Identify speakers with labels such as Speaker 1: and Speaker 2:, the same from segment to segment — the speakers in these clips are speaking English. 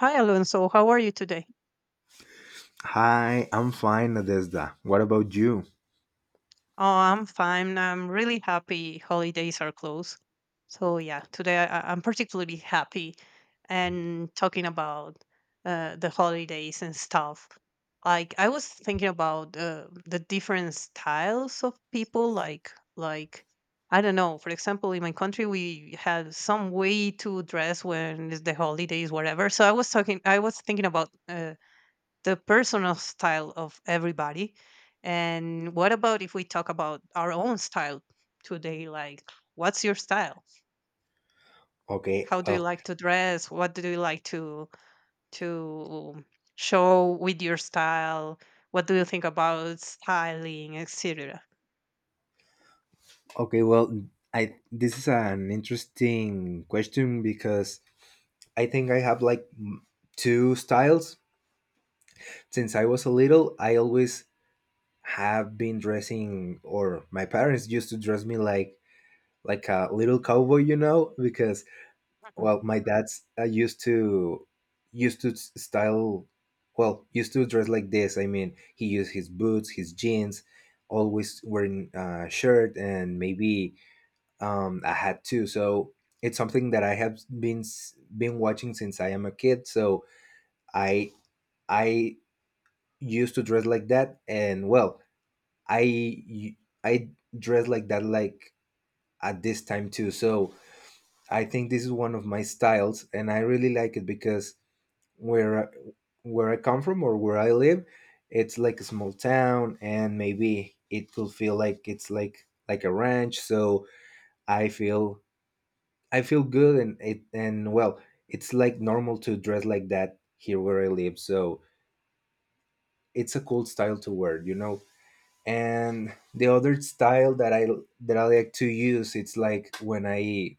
Speaker 1: Hi, Alonso. How are you today?
Speaker 2: Hi, I'm fine, Nadezda. What about you?
Speaker 1: Oh, I'm fine. I'm really happy. Holidays are close. So, yeah, today I'm particularly happy and talking about the holidays and stuff. Like, I was thinking about the different styles of people. Like, I don't know. For example, in my country, we had some way to dress when it's the holidays, whatever. So, I was talking. I was thinking about. The personal style of everybody. And what about if we talk about our own style today? Like, what's your style?
Speaker 2: Okay,
Speaker 1: How do you
Speaker 2: well,
Speaker 1: like to dress? What do you like to show with your style? What do you think about styling, etc.?
Speaker 2: okay, well, I this is an interesting question because I think I have like two styles. Since I was a little, I always have been dressing, or my parents used to dress me like a little cowboy, you know, because
Speaker 1: Mhm.
Speaker 2: well my dad's used to used to s- style well used to dress like this. I mean he used his boots, his jeans, always wearing a shirt and maybe a hat too. So it's something that I have been watching since I am a kid. So i I used to dress like that. And well, i I dress like that, like at this time too. So I think this is one of my styles and I really like it because where I, where I come from or where I live, it's like a small town, and maybe it could feel like it's like a ranch. So I feel I feel good, and it and well, it's like normal to dress like that here where I live. So it's a cool style to wear, you know. And the other style that I like to use, it's like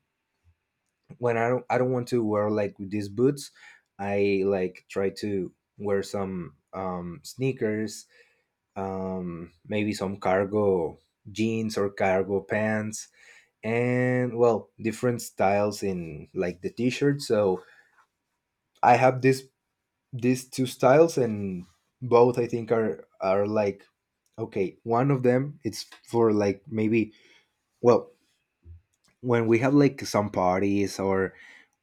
Speaker 2: when I don't want to wear like these boots, I like try to wear some sneakers, maybe some cargo jeans or cargo pants, and well, different styles in like the t-shirt. So I have this these two styles, and both I think are like okay. One of them it's for like maybe well when we have like some parties or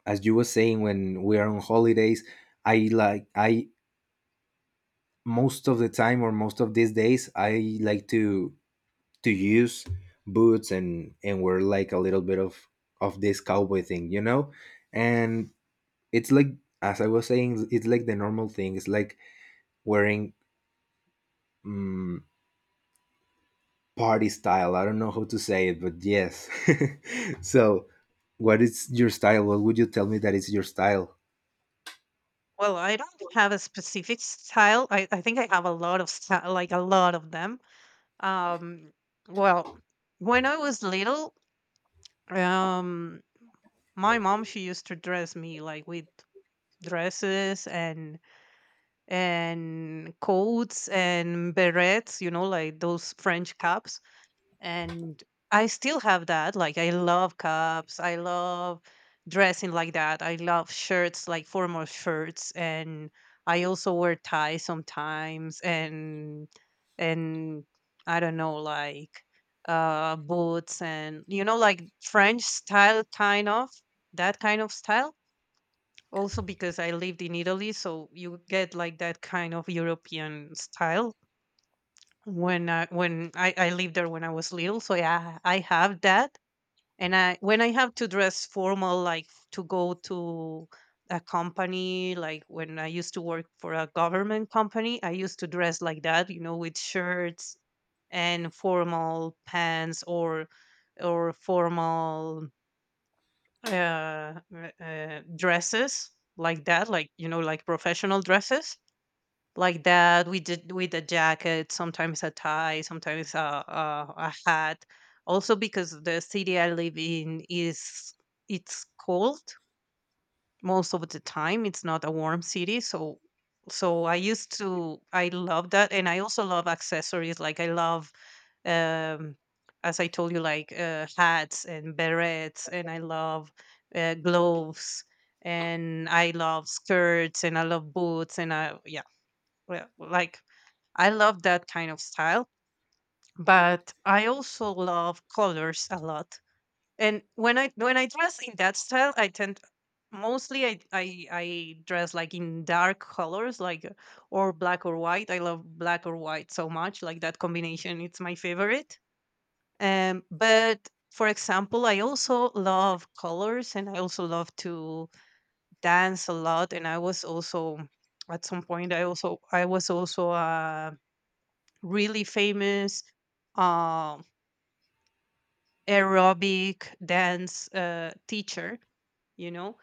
Speaker 2: as you were saying when we are on holidays, I most of the time or most of these days I like to use boots and wear like a little bit of this cowboy thing, you know. And it's like, as I was saying, it's like the normal thing, it's like wearing um, party style. I don't know how to say it, but yes. So what is your style? What would you tell me that is your style?
Speaker 1: Well, I don't have a specific style. I think I have a lot of style, like a lot of them. Um, well, when I was little, um, my mom, she used to dress me like with dresses and coats and berets, like those French caps. And I still have that. Like, I love caps. I love dressing like that. I love shirts, like formal shirts, and I also wear ties sometimes. And I don't know, like, boots, and like French style, kind of that kind of style. Also, because I lived in Italy, so you get like that kind of European style when I lived there when I was little. So yeah, I have that. And I, when I have to dress formal, like to go to a company, like when I used to work for a government company, I used to dress like that, with shirts and formal pants, or formal dresses like that, like, like professional dresses like that. We did with a jacket, sometimes a tie, sometimes a hat. Also, because the city I live in is it's cold most of the time. It's not a warm city, so I used to I love that, and I also love accessories. Like, I love, um, as I told you, like, hats and berets. And I love, gloves, and I love skirts, and I love boots, and I yeah, well, like, I love that kind of style. But I also love colors a lot. And when I, when I dress in that style, I tend, mostly I dress like in dark colors, like, or black or white. I love black or white so much, like that combination. It's my favorite. But for example, I also love colors, and I also love to dance a lot. And I was also at some point I also I was also a really famous uh, aerobic dance teacher, you know.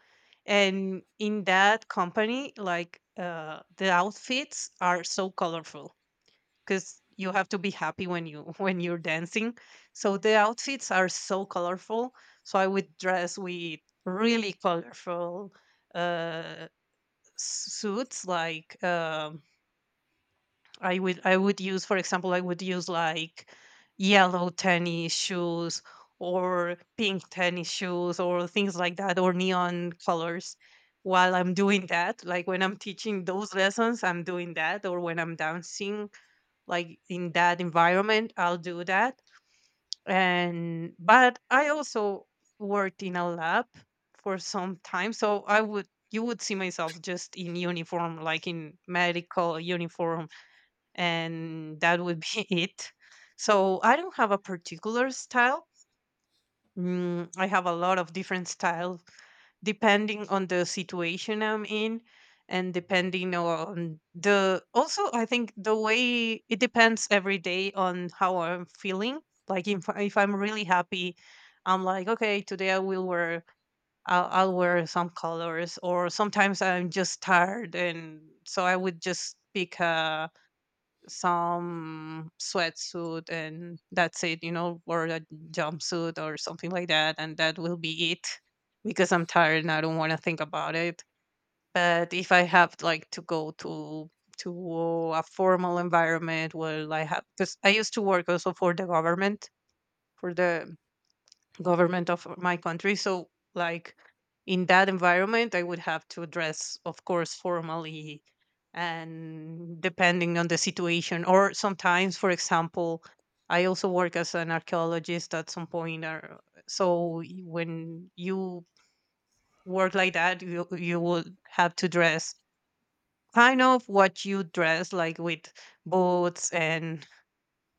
Speaker 1: And in that company, like, the outfits are so colorful. Because you have to be happy when you when you're dancing, so the outfits are so colorful. So I would dress with really colorful uh suits, like, I would use, for example, I would use like yellow tennis shoes, or pink tennis shoes, or things like that, or neon colors, while I'm doing that. Like, when I'm teaching those lessons, I'm doing that, or when I'm dancing, like in that environment, I'll do that. And but I also worked in a lab for some time, so I would you would see myself just in uniform, like in medical uniform. And that would be it. So I don't have a particular style. I have a lot of different styles, depending on the situation I'm in, and depending on the, also, I think the way, it depends every day on how I'm feeling. Like, if I'm really happy, I'm like, okay, today I'll wear some colors. Or sometimes I'm just tired, and so I would just pick a some sweatsuit, and that's it, you know, or a jumpsuit or something like that, and that will be it. Because I'm tired, and I don't want to think about it. But if I have, like, to go to a formal environment where I have, because I used to work also for the government of my country. So, like, in that environment, I would have to dress, of course, formally, and depending on the situation. Or sometimes, for example, I also work as an archaeologist at some point. Or so, when you work like that, you would have to dress kind of what you dress, like, with boots and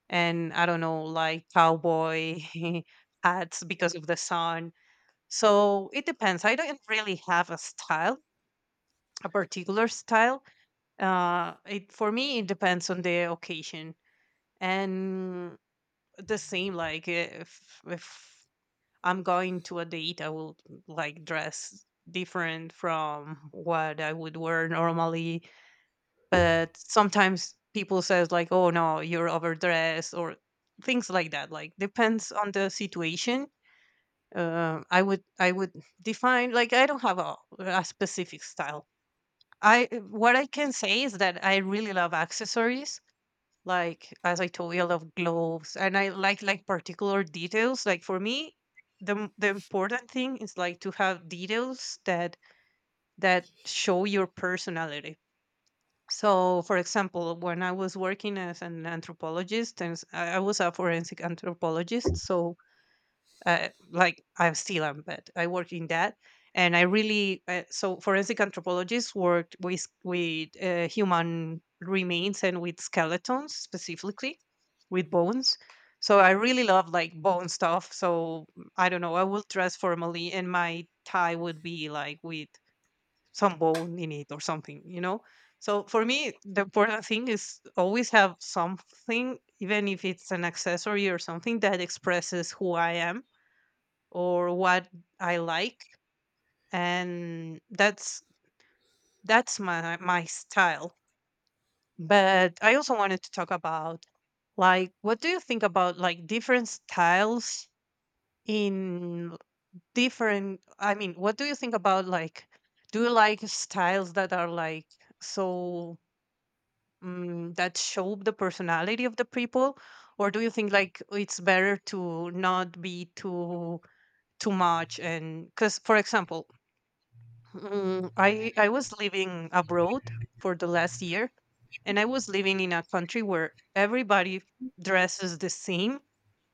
Speaker 1: and I don't know, like, cowboy hats because of the sun. So it depends. I don't really have a style, a particular style. It for me it depends on the occasion. And the same, like, if I'm going to a date, I will, like, dress different from what I would wear normally. But sometimes people says, like, "Oh no, you're overdressed," or things like that. Like, depends on the situation. I would define, like, I don't have a specific style. I what I can say is that I really love accessories. Like, as I told you, I love gloves, and I like particular details. Like, for me, the important thing is, like, to have details that show your personality. So, for example, when I was working as an anthropologist, and I was a forensic anthropologist. So, like, I'm still am, but I work in that. And I really so forensic anthropologists worked with human remains, and with skeletons specifically, with bones. So I really love, like, bone stuff. So, I don't know. I will dress formally, and my tie would be like with some bone in it, or something. So for me, the important thing is always have something, even if it's an accessory or something that expresses who I am, or what I like. And that's my style. But I also wanted to talk about, like, what do you think about, like, different styles in different. I mean, what do you think about, like, do you like styles that are like, so, that show the personality of the people? Or do you think, like, it's better to not be too much? And because, for example, I was living abroad for the last year. And I was living in a country where everybody dresses the same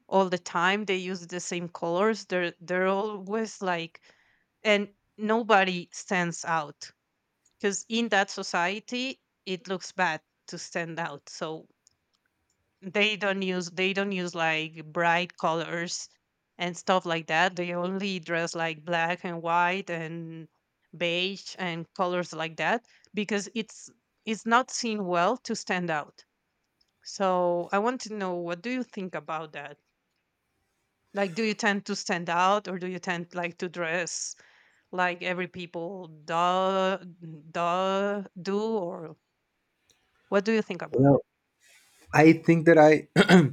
Speaker 1: all the time. They use the same colors. They're always like, and nobody stands out, because in that society it looks bad to stand out. So they don't use, like, bright colors and stuff like that. They only dress like black and white and beige and colors like that, because it's not seen well to stand out. So I want to know, what do you think about that? Like, do you tend to stand out, or do you tend, like, to dress like every people do? Or what do you think about
Speaker 2: Well,
Speaker 1: it?
Speaker 2: I think that I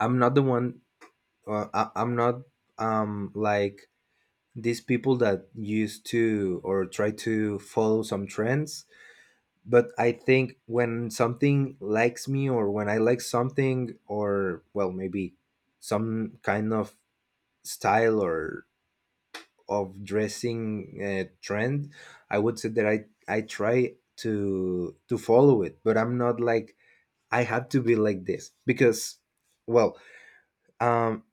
Speaker 2: I'm not the one. I'm not like these people that used to or try to follow some trends. But I think when something likes me or when I like something or well maybe some kind of style or of dressing trend, I would say that I try to follow it, but I'm not like I have to be like this because well, um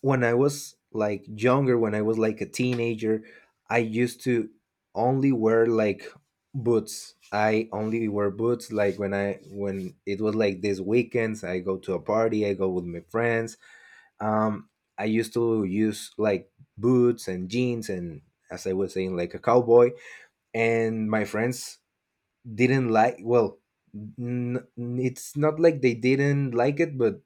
Speaker 2: when I was like younger, when I was like a teenager, I used to only wear like boots. I only wear boots like when it was like these weekends, I go to a party, I go with my friends. Um I used to use like boots and jeans and, as I was saying, like a cowboy. And my friends didn't like, well, n- it's not like they didn't like it, but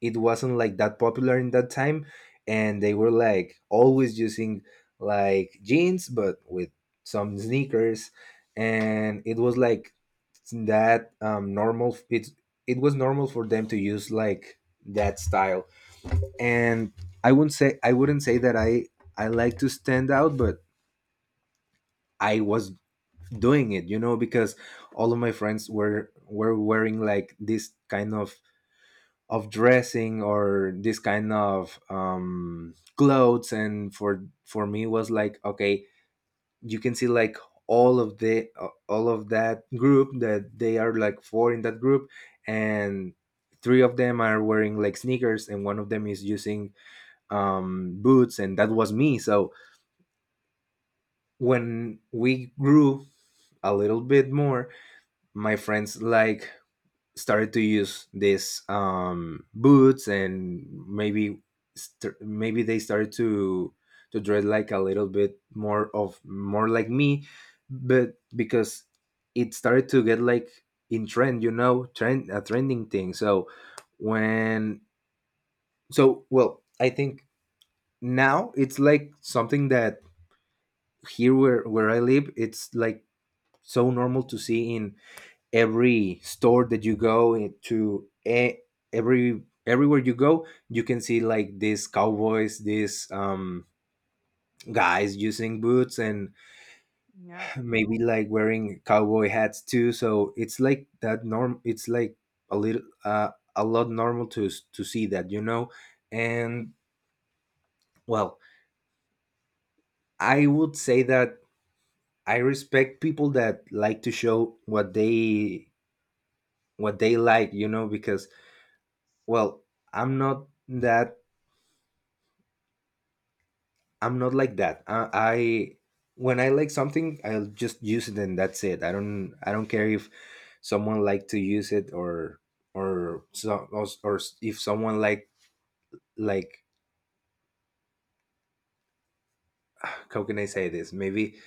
Speaker 2: it wasn't like that popular in that time. And they were like always using like jeans but with some sneakers. And it was like that normal, it was normal for them to use like that style. And I wouldn't say that I like to stand out, but I was doing it, you know, because all of my friends were wearing like this kind of dressing or this kind of clothes. And for me was like okay, you can see like all of the all of that group, that they are like four in that group, and three of them are wearing like sneakers and one of them is using boots, and that was me. So when we grew a little bit more, my friends like started to use these boots, and maybe maybe they started to dress like a little bit more of more like me. But because it started to get like in trend, you know, trend a trending thing. So when, so well I think now it's like something that here where I live, it's like so normal to see in every store that you go into, every, everywhere you go, you can see like these cowboys, these guys using boots and
Speaker 1: Yeah.
Speaker 2: maybe like wearing cowboy hats too. So it's like that norm, it's like a little a lot normal to see that, you know. And well, I would say that I respect people that like to show what they like, you know, because well, i'm not that I'm not like that. I when I like something, I'll just use it and that's it. I don't care if someone like to use it or or if someone like like how can I say this? Maybe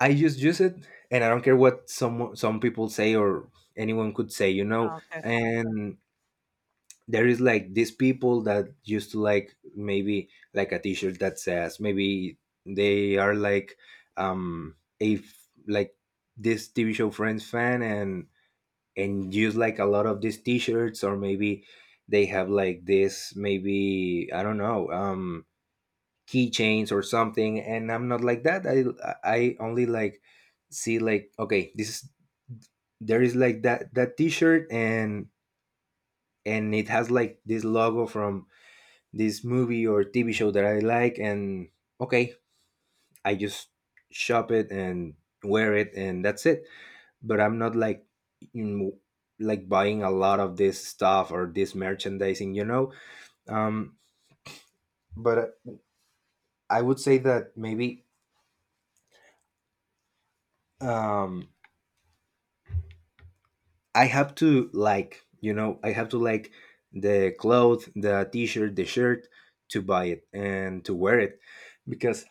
Speaker 2: I just use it and I don't care what some people say or anyone could say, you know.
Speaker 1: Okay.
Speaker 2: And there is like these people that used to like maybe like a t-shirt that says maybe they are like um a like this TV show Friends fan and use like a lot of these t-shirts, or maybe they have like this, maybe I don't know, keychains or something. And I'm not like that. I only like see like okay, this is there is like that t-shirt and it has like this logo from this movie or TV show that I like, and okay, I just shop it and wear it, and that's it. But I'm not like, you know, like buying a lot of this stuff or this merchandising, you know. Um, but I would say that maybe, um, I have to like, you know, I have to like the clothes, the t-shirt, the shirt to buy it and to wear it, because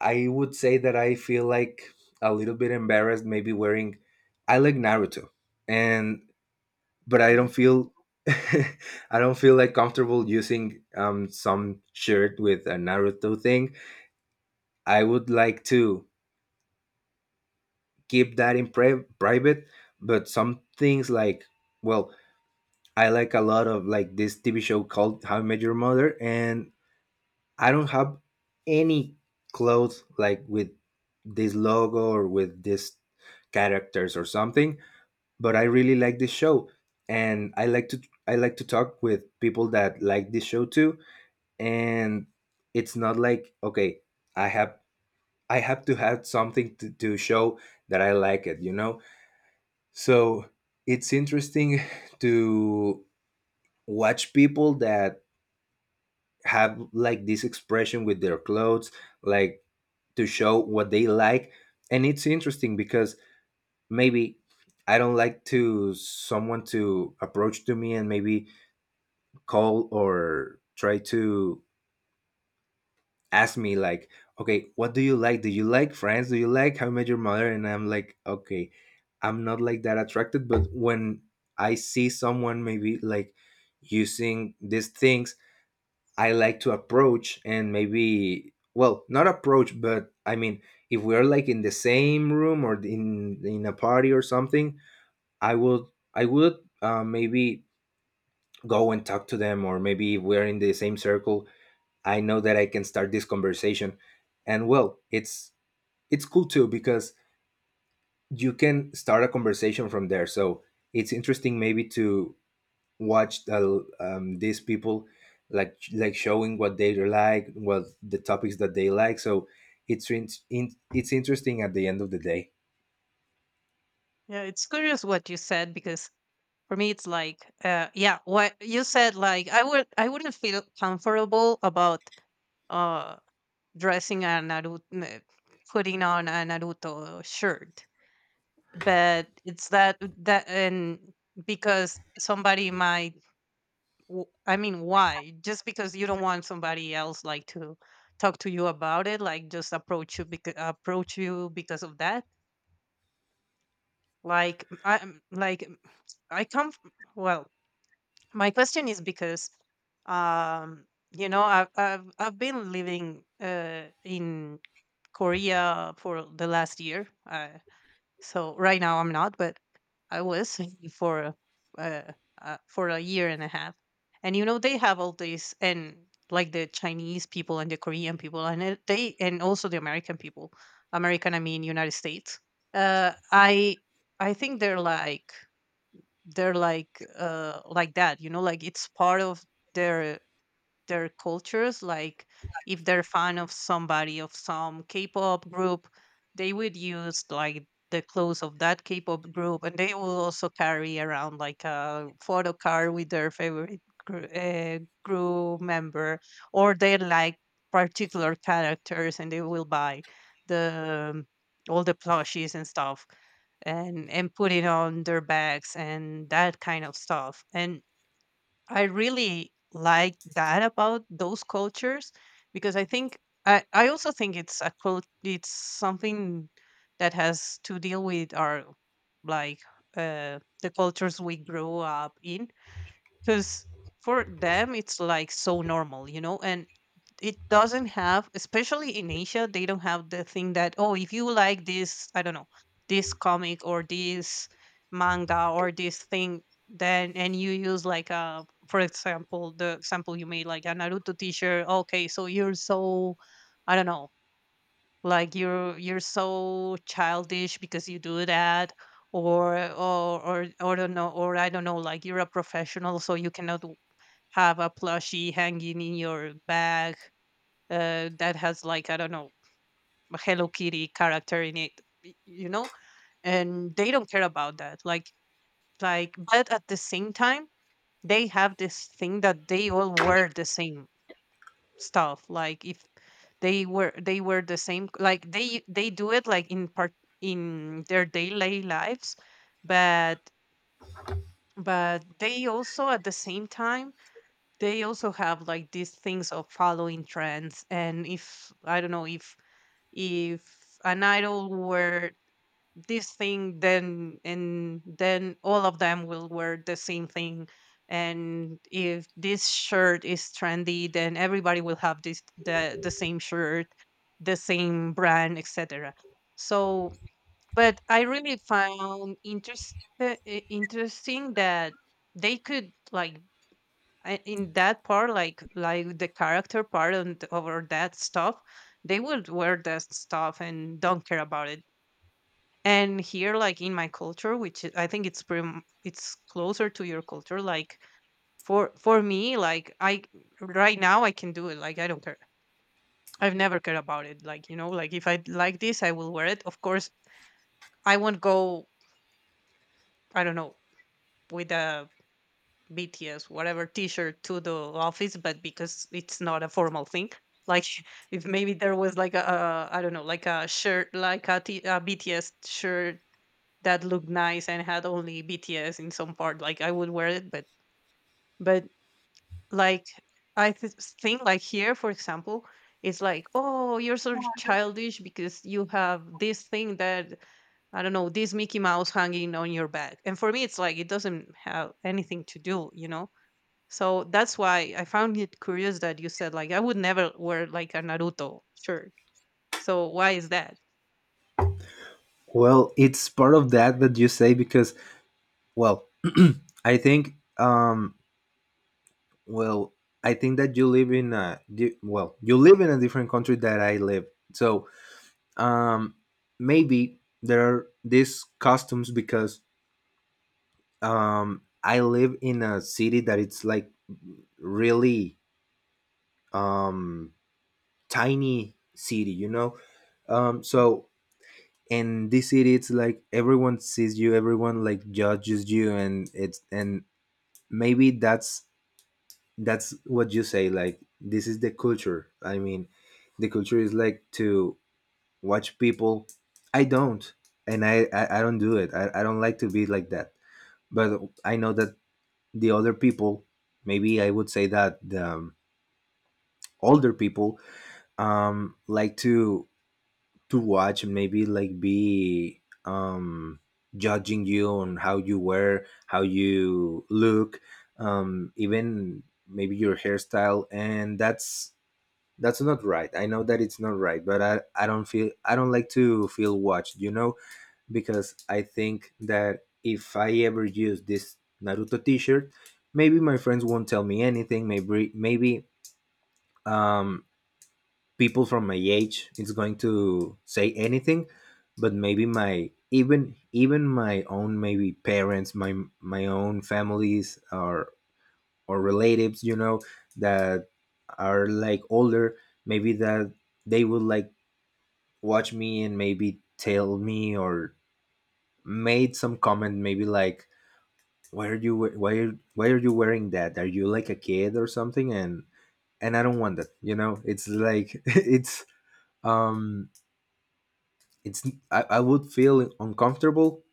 Speaker 2: I would say that I feel like a little bit embarrassed maybe wearing, I like Naruto, and but I don't
Speaker 1: Mm-hmm.
Speaker 2: feel I don't feel like comfortable using some shirt with a Naruto thing. I would like to keep that in private. But some things like well, I like a lot of like this TV show called How I Met Your Mother, and I don't have any clothes like with this logo or with this characters or something, but I really like this show. And I like to talk with people that like this show too. And it's not like okay, I have I have to have something to show that I like it, you know? So it's interesting to watch people that have like this expression with their clothes, like to show what they like. And it's interesting because maybe I don't like to someone to approach to me and maybe call or try to ask me like okay, what do you like, do you like Friends, do you like How I Met Your Mother, and I'm like okay, I'm not like that attracted. But when I see someone maybe like using these things, I like to approach and maybe well not approach, but I mean if we are like in the same room or in a party or something, I would I would maybe go and talk to them, or maybe if we're in the same circle, I know that I can start this conversation. And well, it's cool too because you can start a conversation from there. So it's interesting maybe to watched these people like showing what they like, what the topics that they like. So it's it's interesting at the end of the day.
Speaker 1: Yeah, it's curious what you said, because for me it's like, yeah, what you said, like, I wouldn't feel comfortable about uh dressing a Naruto putting on a Naruto shirt. But it's that. And because somebody might I mean, why? Just because you don't want somebody else, like, to talk to you about it, like, just approach you, because of that. Like I like, I come f- well my question is because um you know I've been living in Korea for the last year, so right now I'm not, but I was for uh, for a year and a half. And you know they have all this, and like the Chinese people and the Korean people and they, and also the American people. American I mean United States. uh i I think they're like, they're like that, you know, like it's part of their their cultures. Like if they're fan of somebody of some K-pop group, they would use like the clothes of that K-pop group, and they will also carry around like a photo card with their favorite gr- uh, crew member. Or they like particular characters and they will buy the all the plushies and stuff, and put it on their bags and that kind of stuff. And I really like that about those cultures, because I think I also think it's it's something that has to deal with our, like, the cultures we grew up in. Because for them it's like so normal, you know, and it doesn't have, especially in Asia they don't have the thing that, oh, if you like this, I don't know, this comic or this manga or this thing, then and you use like for example the example you made, like a Naruto t-shirt, okay, so you're so, I don't know, like you're so childish because you do that. Or don't know, or I don't know, like you're a professional so you cannot have a plushie hanging in your bag, that has like I don't know a Hello Kitty character in it, you know, and they don't care about that. Like, but at the same time, they have this thing that they all wear the same stuff. Like if they wear the same, like they do it like in part in their daily lives, but but they also at the same time, they also have like these things of following trends, and if I don't know, if an idol were this thing, then and then all of them will wear the same thing. And if this shirt is trendy, then everybody will have this the same shirt, the same brand, etc. So but I really found interesting that they could, like, in that part, like the character part and over that stuff, they would wear that stuff and don't care about it. And here, like in my culture, which I think it's pretty it's closer to your culture. Like for me, like, I right now I can do it, like I don't care. I've never cared about it, like, you know, like if I like this I will wear it, of course. I won't go, I don't know, with a BTS, whatever T-shirt to the office, but because it's not a formal thing. Like if maybe there was like a I don't know, like a shirt, like a BTS shirt that looked nice and had only BTS in some part, like I would wear it. But like I th- think like here, for example, it's like, oh, you're so childish because you have this thing that, I don't know, this Mickey Mouse hanging on your back. And for me, it's like it doesn't have anything to do, you know? So that's why I found it curious that you said like I would never wear like a Naruto shirt. So why is that?
Speaker 2: Well, it's part of that that you say because well, I think well, I think that you live in a well, you live in a different country that I live. So, um maybe there are these customs because I live in a city that it's like really, um tiny city, you know. So in this city it's like everyone sees you, everyone like judges you, and it's and maybe that's what you say, like this is the culture. I mean the culture is like to watch people. i don't I don't do it. I don't like to be like that, but I know that the other people, maybe I would say that the older people like to watch, maybe like be judging you on how you wear, how you look, even maybe your hairstyle, and that's not right. I know that it's not right, but I don't feel, I don't like to feel watched, you know, because I think that if I ever use this Naruto t-shirt, maybe my friends won't tell me anything, maybe um people from my age is going to say anything, but maybe my, even my own, maybe parents, my own families or relatives, you know, that are like older, maybe that they would like watch me and maybe tell me or made some comment, maybe like, "Why are you why are you wearing that? Are you like a kid or something?" And I don't want that, you know. It's like it's um it's, I would feel uncomfortable.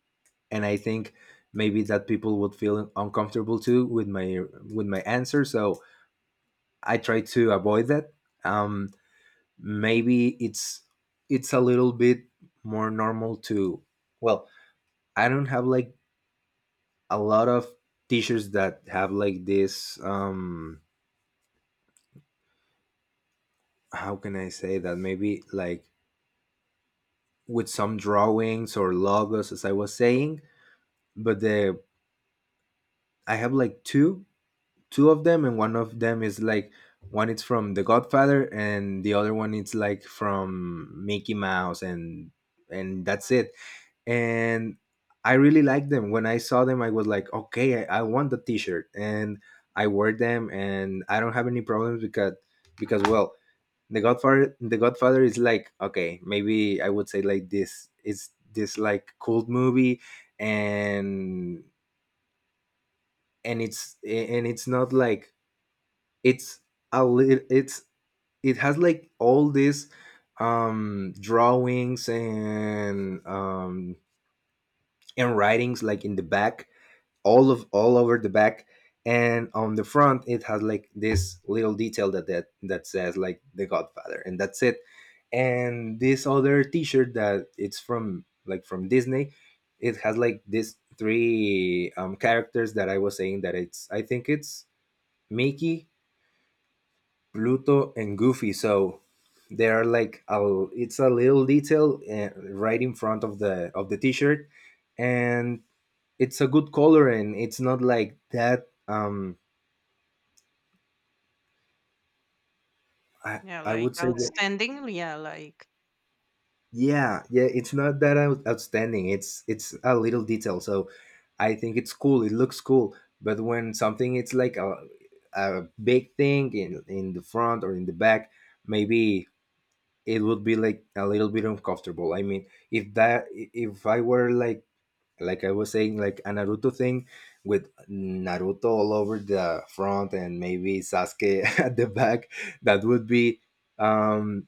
Speaker 2: And I think maybe that people would feel uncomfortable too with my, with my answer. So I try to avoid that. um Maybe it's a little bit more normal to, well, I don't have like a lot of teachers that have like this, how can I say that, maybe like with some drawings or logos, as I was saying. But the, I have like two, two of them, and one of them is like, one it's from The Godfather and the other one it's like from Mickey Mouse. And that's it. And I really like them. When I saw them I was like, "Okay, I want the t-shirt," and I wear them and I don't have any problems because well, The Godfather is like okay. Maybe I would say like this, it's this like cult movie. And and it's not like, it's a little, it's, it has like all these drawings and writings like in the back, all of all over the back. And on the front it has like this little detail that that says like The Godfather, and that's it. And this other t-shirt that it's from like from Disney, it has like these three characters that I was saying, that it's, I think it's Mickey, Pluto and Goofy. So they are like a, it's a little detail right in front of the, of the t-shirt, and it's a good color and it's not like that.
Speaker 1: Yeah,
Speaker 2: I
Speaker 1: like
Speaker 2: would say that,
Speaker 1: outstanding. Yeah, like
Speaker 2: yeah, yeah, it's not that outstanding. It's a little detail. So I think it's cool. It looks cool. But when something it's like a big thing in the front or in the back, maybe it would be like a little bit uncomfortable. I mean, if I were like I was saying, like a Naruto thing with Naruto all over the front and maybe Sasuke at the back, that would be um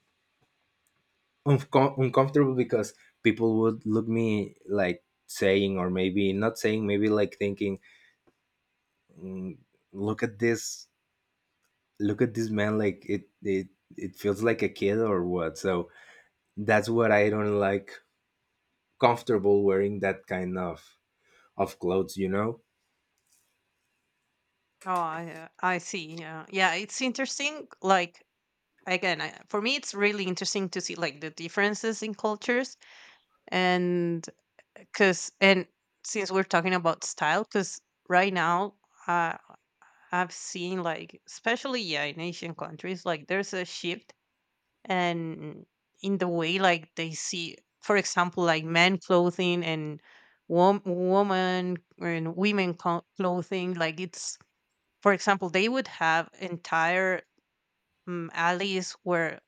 Speaker 2: uncomfortable because people would look me like saying, or maybe not saying, maybe like thinking, "Mm, look at this, look at this man, like it feels like a kid or what." So that's what I don't like, comfortable wearing that kind of clothes, you know.
Speaker 1: oh, I see. Yeah, yeah. It's interesting. Like again, for me, it's really interesting to see like the differences in cultures. And Because, and since we're talking about style, because right now, uh, I've seen, like, especially, yeah, in Asian countries, like, there's a shift, and in the way, like, they see, for example, like men clothing and woman and women clothing. Like, it's, for example, they would have entire alleys where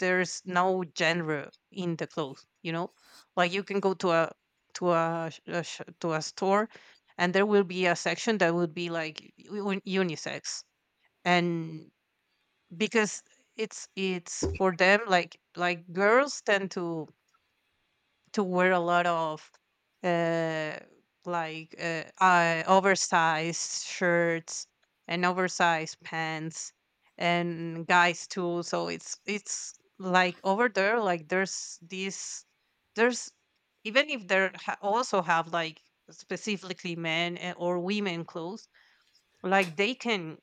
Speaker 1: there's no genre in the clothes, you know, like you can go to a to a store, and there will be a section that would be like unisex. And because it's for them, like girls tend to wear a lot of uh like oversized shirts and oversized pants, and guys too. So it's like over there, like, there's this, there's, even if there also have like specifically men or women clothes, like they can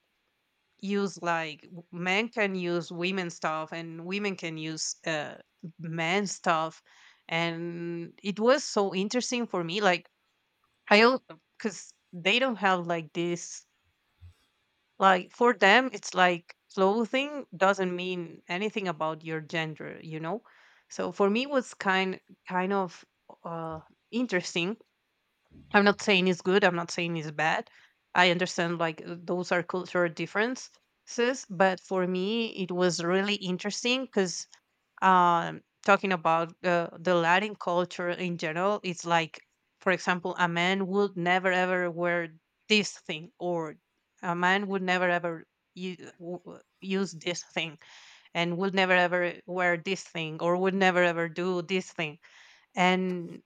Speaker 1: use like men can use women stuff, and women can use men stuff. And it was so interesting for me, like I because they don't have like this, like for them it's like clothing doesn't mean anything about your gender, you know. So for me it was kind of uh interesting. I'm not saying it's good. I'm not saying it's bad. I understand, like, those are cultural differences, but for me, it was really interesting because, talking about, the Latin culture in general, it's like, for example, a man would never ever wear this thing, or a man would never ever use this thing, and would never ever wear this thing, or would never ever do this thing. And,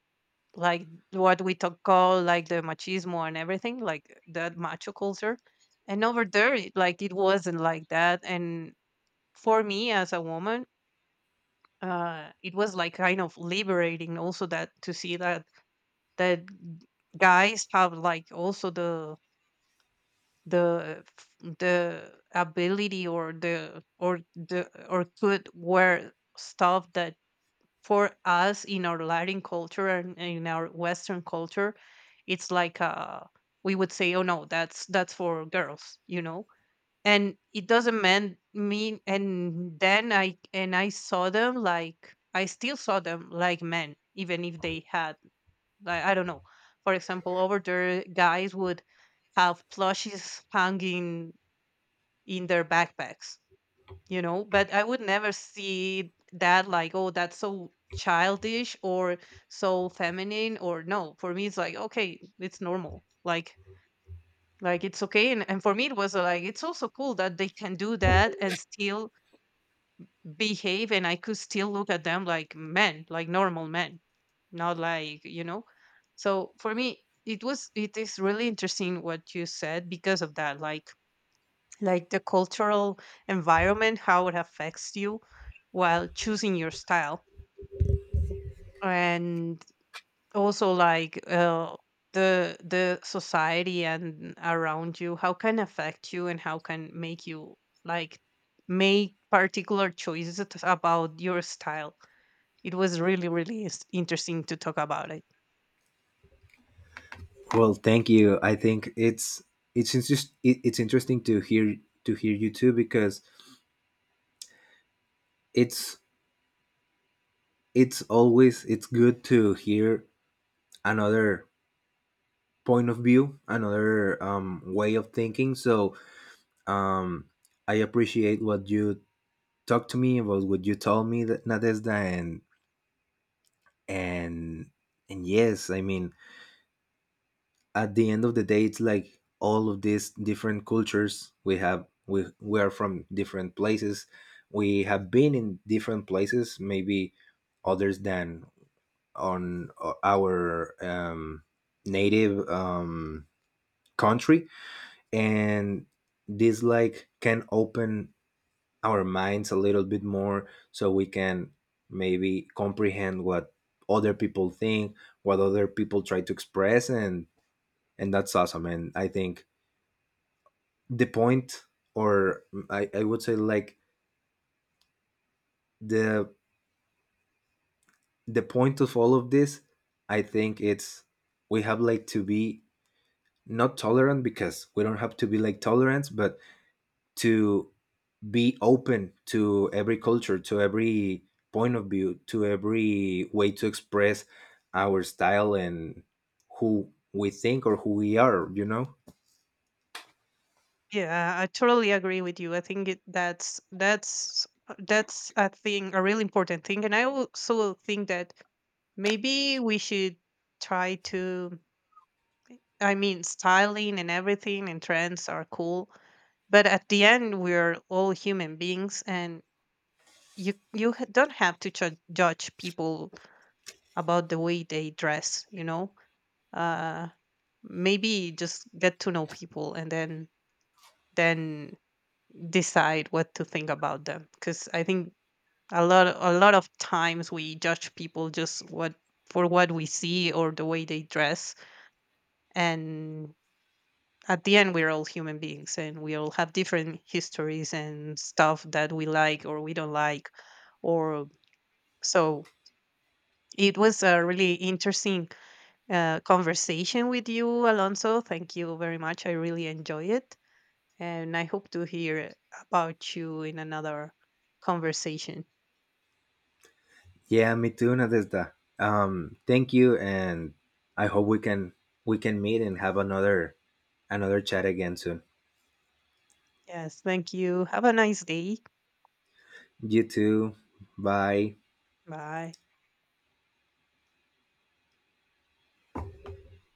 Speaker 1: like, what we talk call like the machismo and everything, like that macho culture. And over there, it, like it wasn't like that. And for me as a woman, it was like kind of liberating also, that to see that that guys have like also the the ability or the or the or could wear stuff that for us in our Latin culture and in our Western culture, it's like, we would say, "Oh no, that's for girls," you know. And it doesn't mean. And then I saw them, like, I still saw them like men, even if they had, like, I don't know. For example, over there, guys would have plushies hanging in their backpacks, you know. But I would never see that, like, oh, that's so childish or so feminine or, no, for me it's like, okay, it's normal. Like it's okay. And for me it was, like, it's also cool that they can do that and still behave, and I could still look at them like men, like normal men, not like, you know. So for me it was, it is really interesting what you said, because of that, like the cultural environment, how it affects you while choosing your style, and also, like, the society and around you, how can affect you and how can make you, like, make particular choices about your style. It was really really interesting to talk about it.
Speaker 2: Well, thank you. I think it's just it, it's interesting to hear, to hear you too, because it's it's always, it's good to hear another point of view, another way of thinking. So um, I appreciate what you talked to me about, what you told me, that Nadezda, and and yes, I mean, at the end of the day it's like, all of these different cultures we have, we are from different places, we have been in different places maybe others than on our native country, and this like can open our minds a little bit more so we can maybe comprehend what other people think, what other people try to express. And that's awesome. And I think the point, or I would say like, the the point of all of this, I think it's, we have like to be not tolerant, because we don't have to be like tolerant, but to be open to every culture, to every point of view, to every way to express our style and who we think or who we are, you know.
Speaker 1: Yeah, I totally agree with you. I think that's a thing, a really important thing, and I also think that maybe we should try to, I mean, styling and everything and trends are cool, but at the end we're all human beings, and you don't have to judge people about the way they dress, you know? Uh Maybe just get to know people, and then decide what to think about them, cuz I think a lot, a lot of times we judge people just what for what we see or the way they dress. And at the end we're all human beings, and we all have different histories and stuff that we like or we don't like, or, so it was a really interesting, conversation with you, Alonso. Thank you very much, I really enjoy it, and I hope to hear about you in another conversation.
Speaker 2: Yeah, me too, Nadezda. Thank you, and I hope we can, we can meet and have another, another chat again soon.
Speaker 1: Yes, thank you, have a nice day.
Speaker 2: You too. Bye.
Speaker 1: Bye.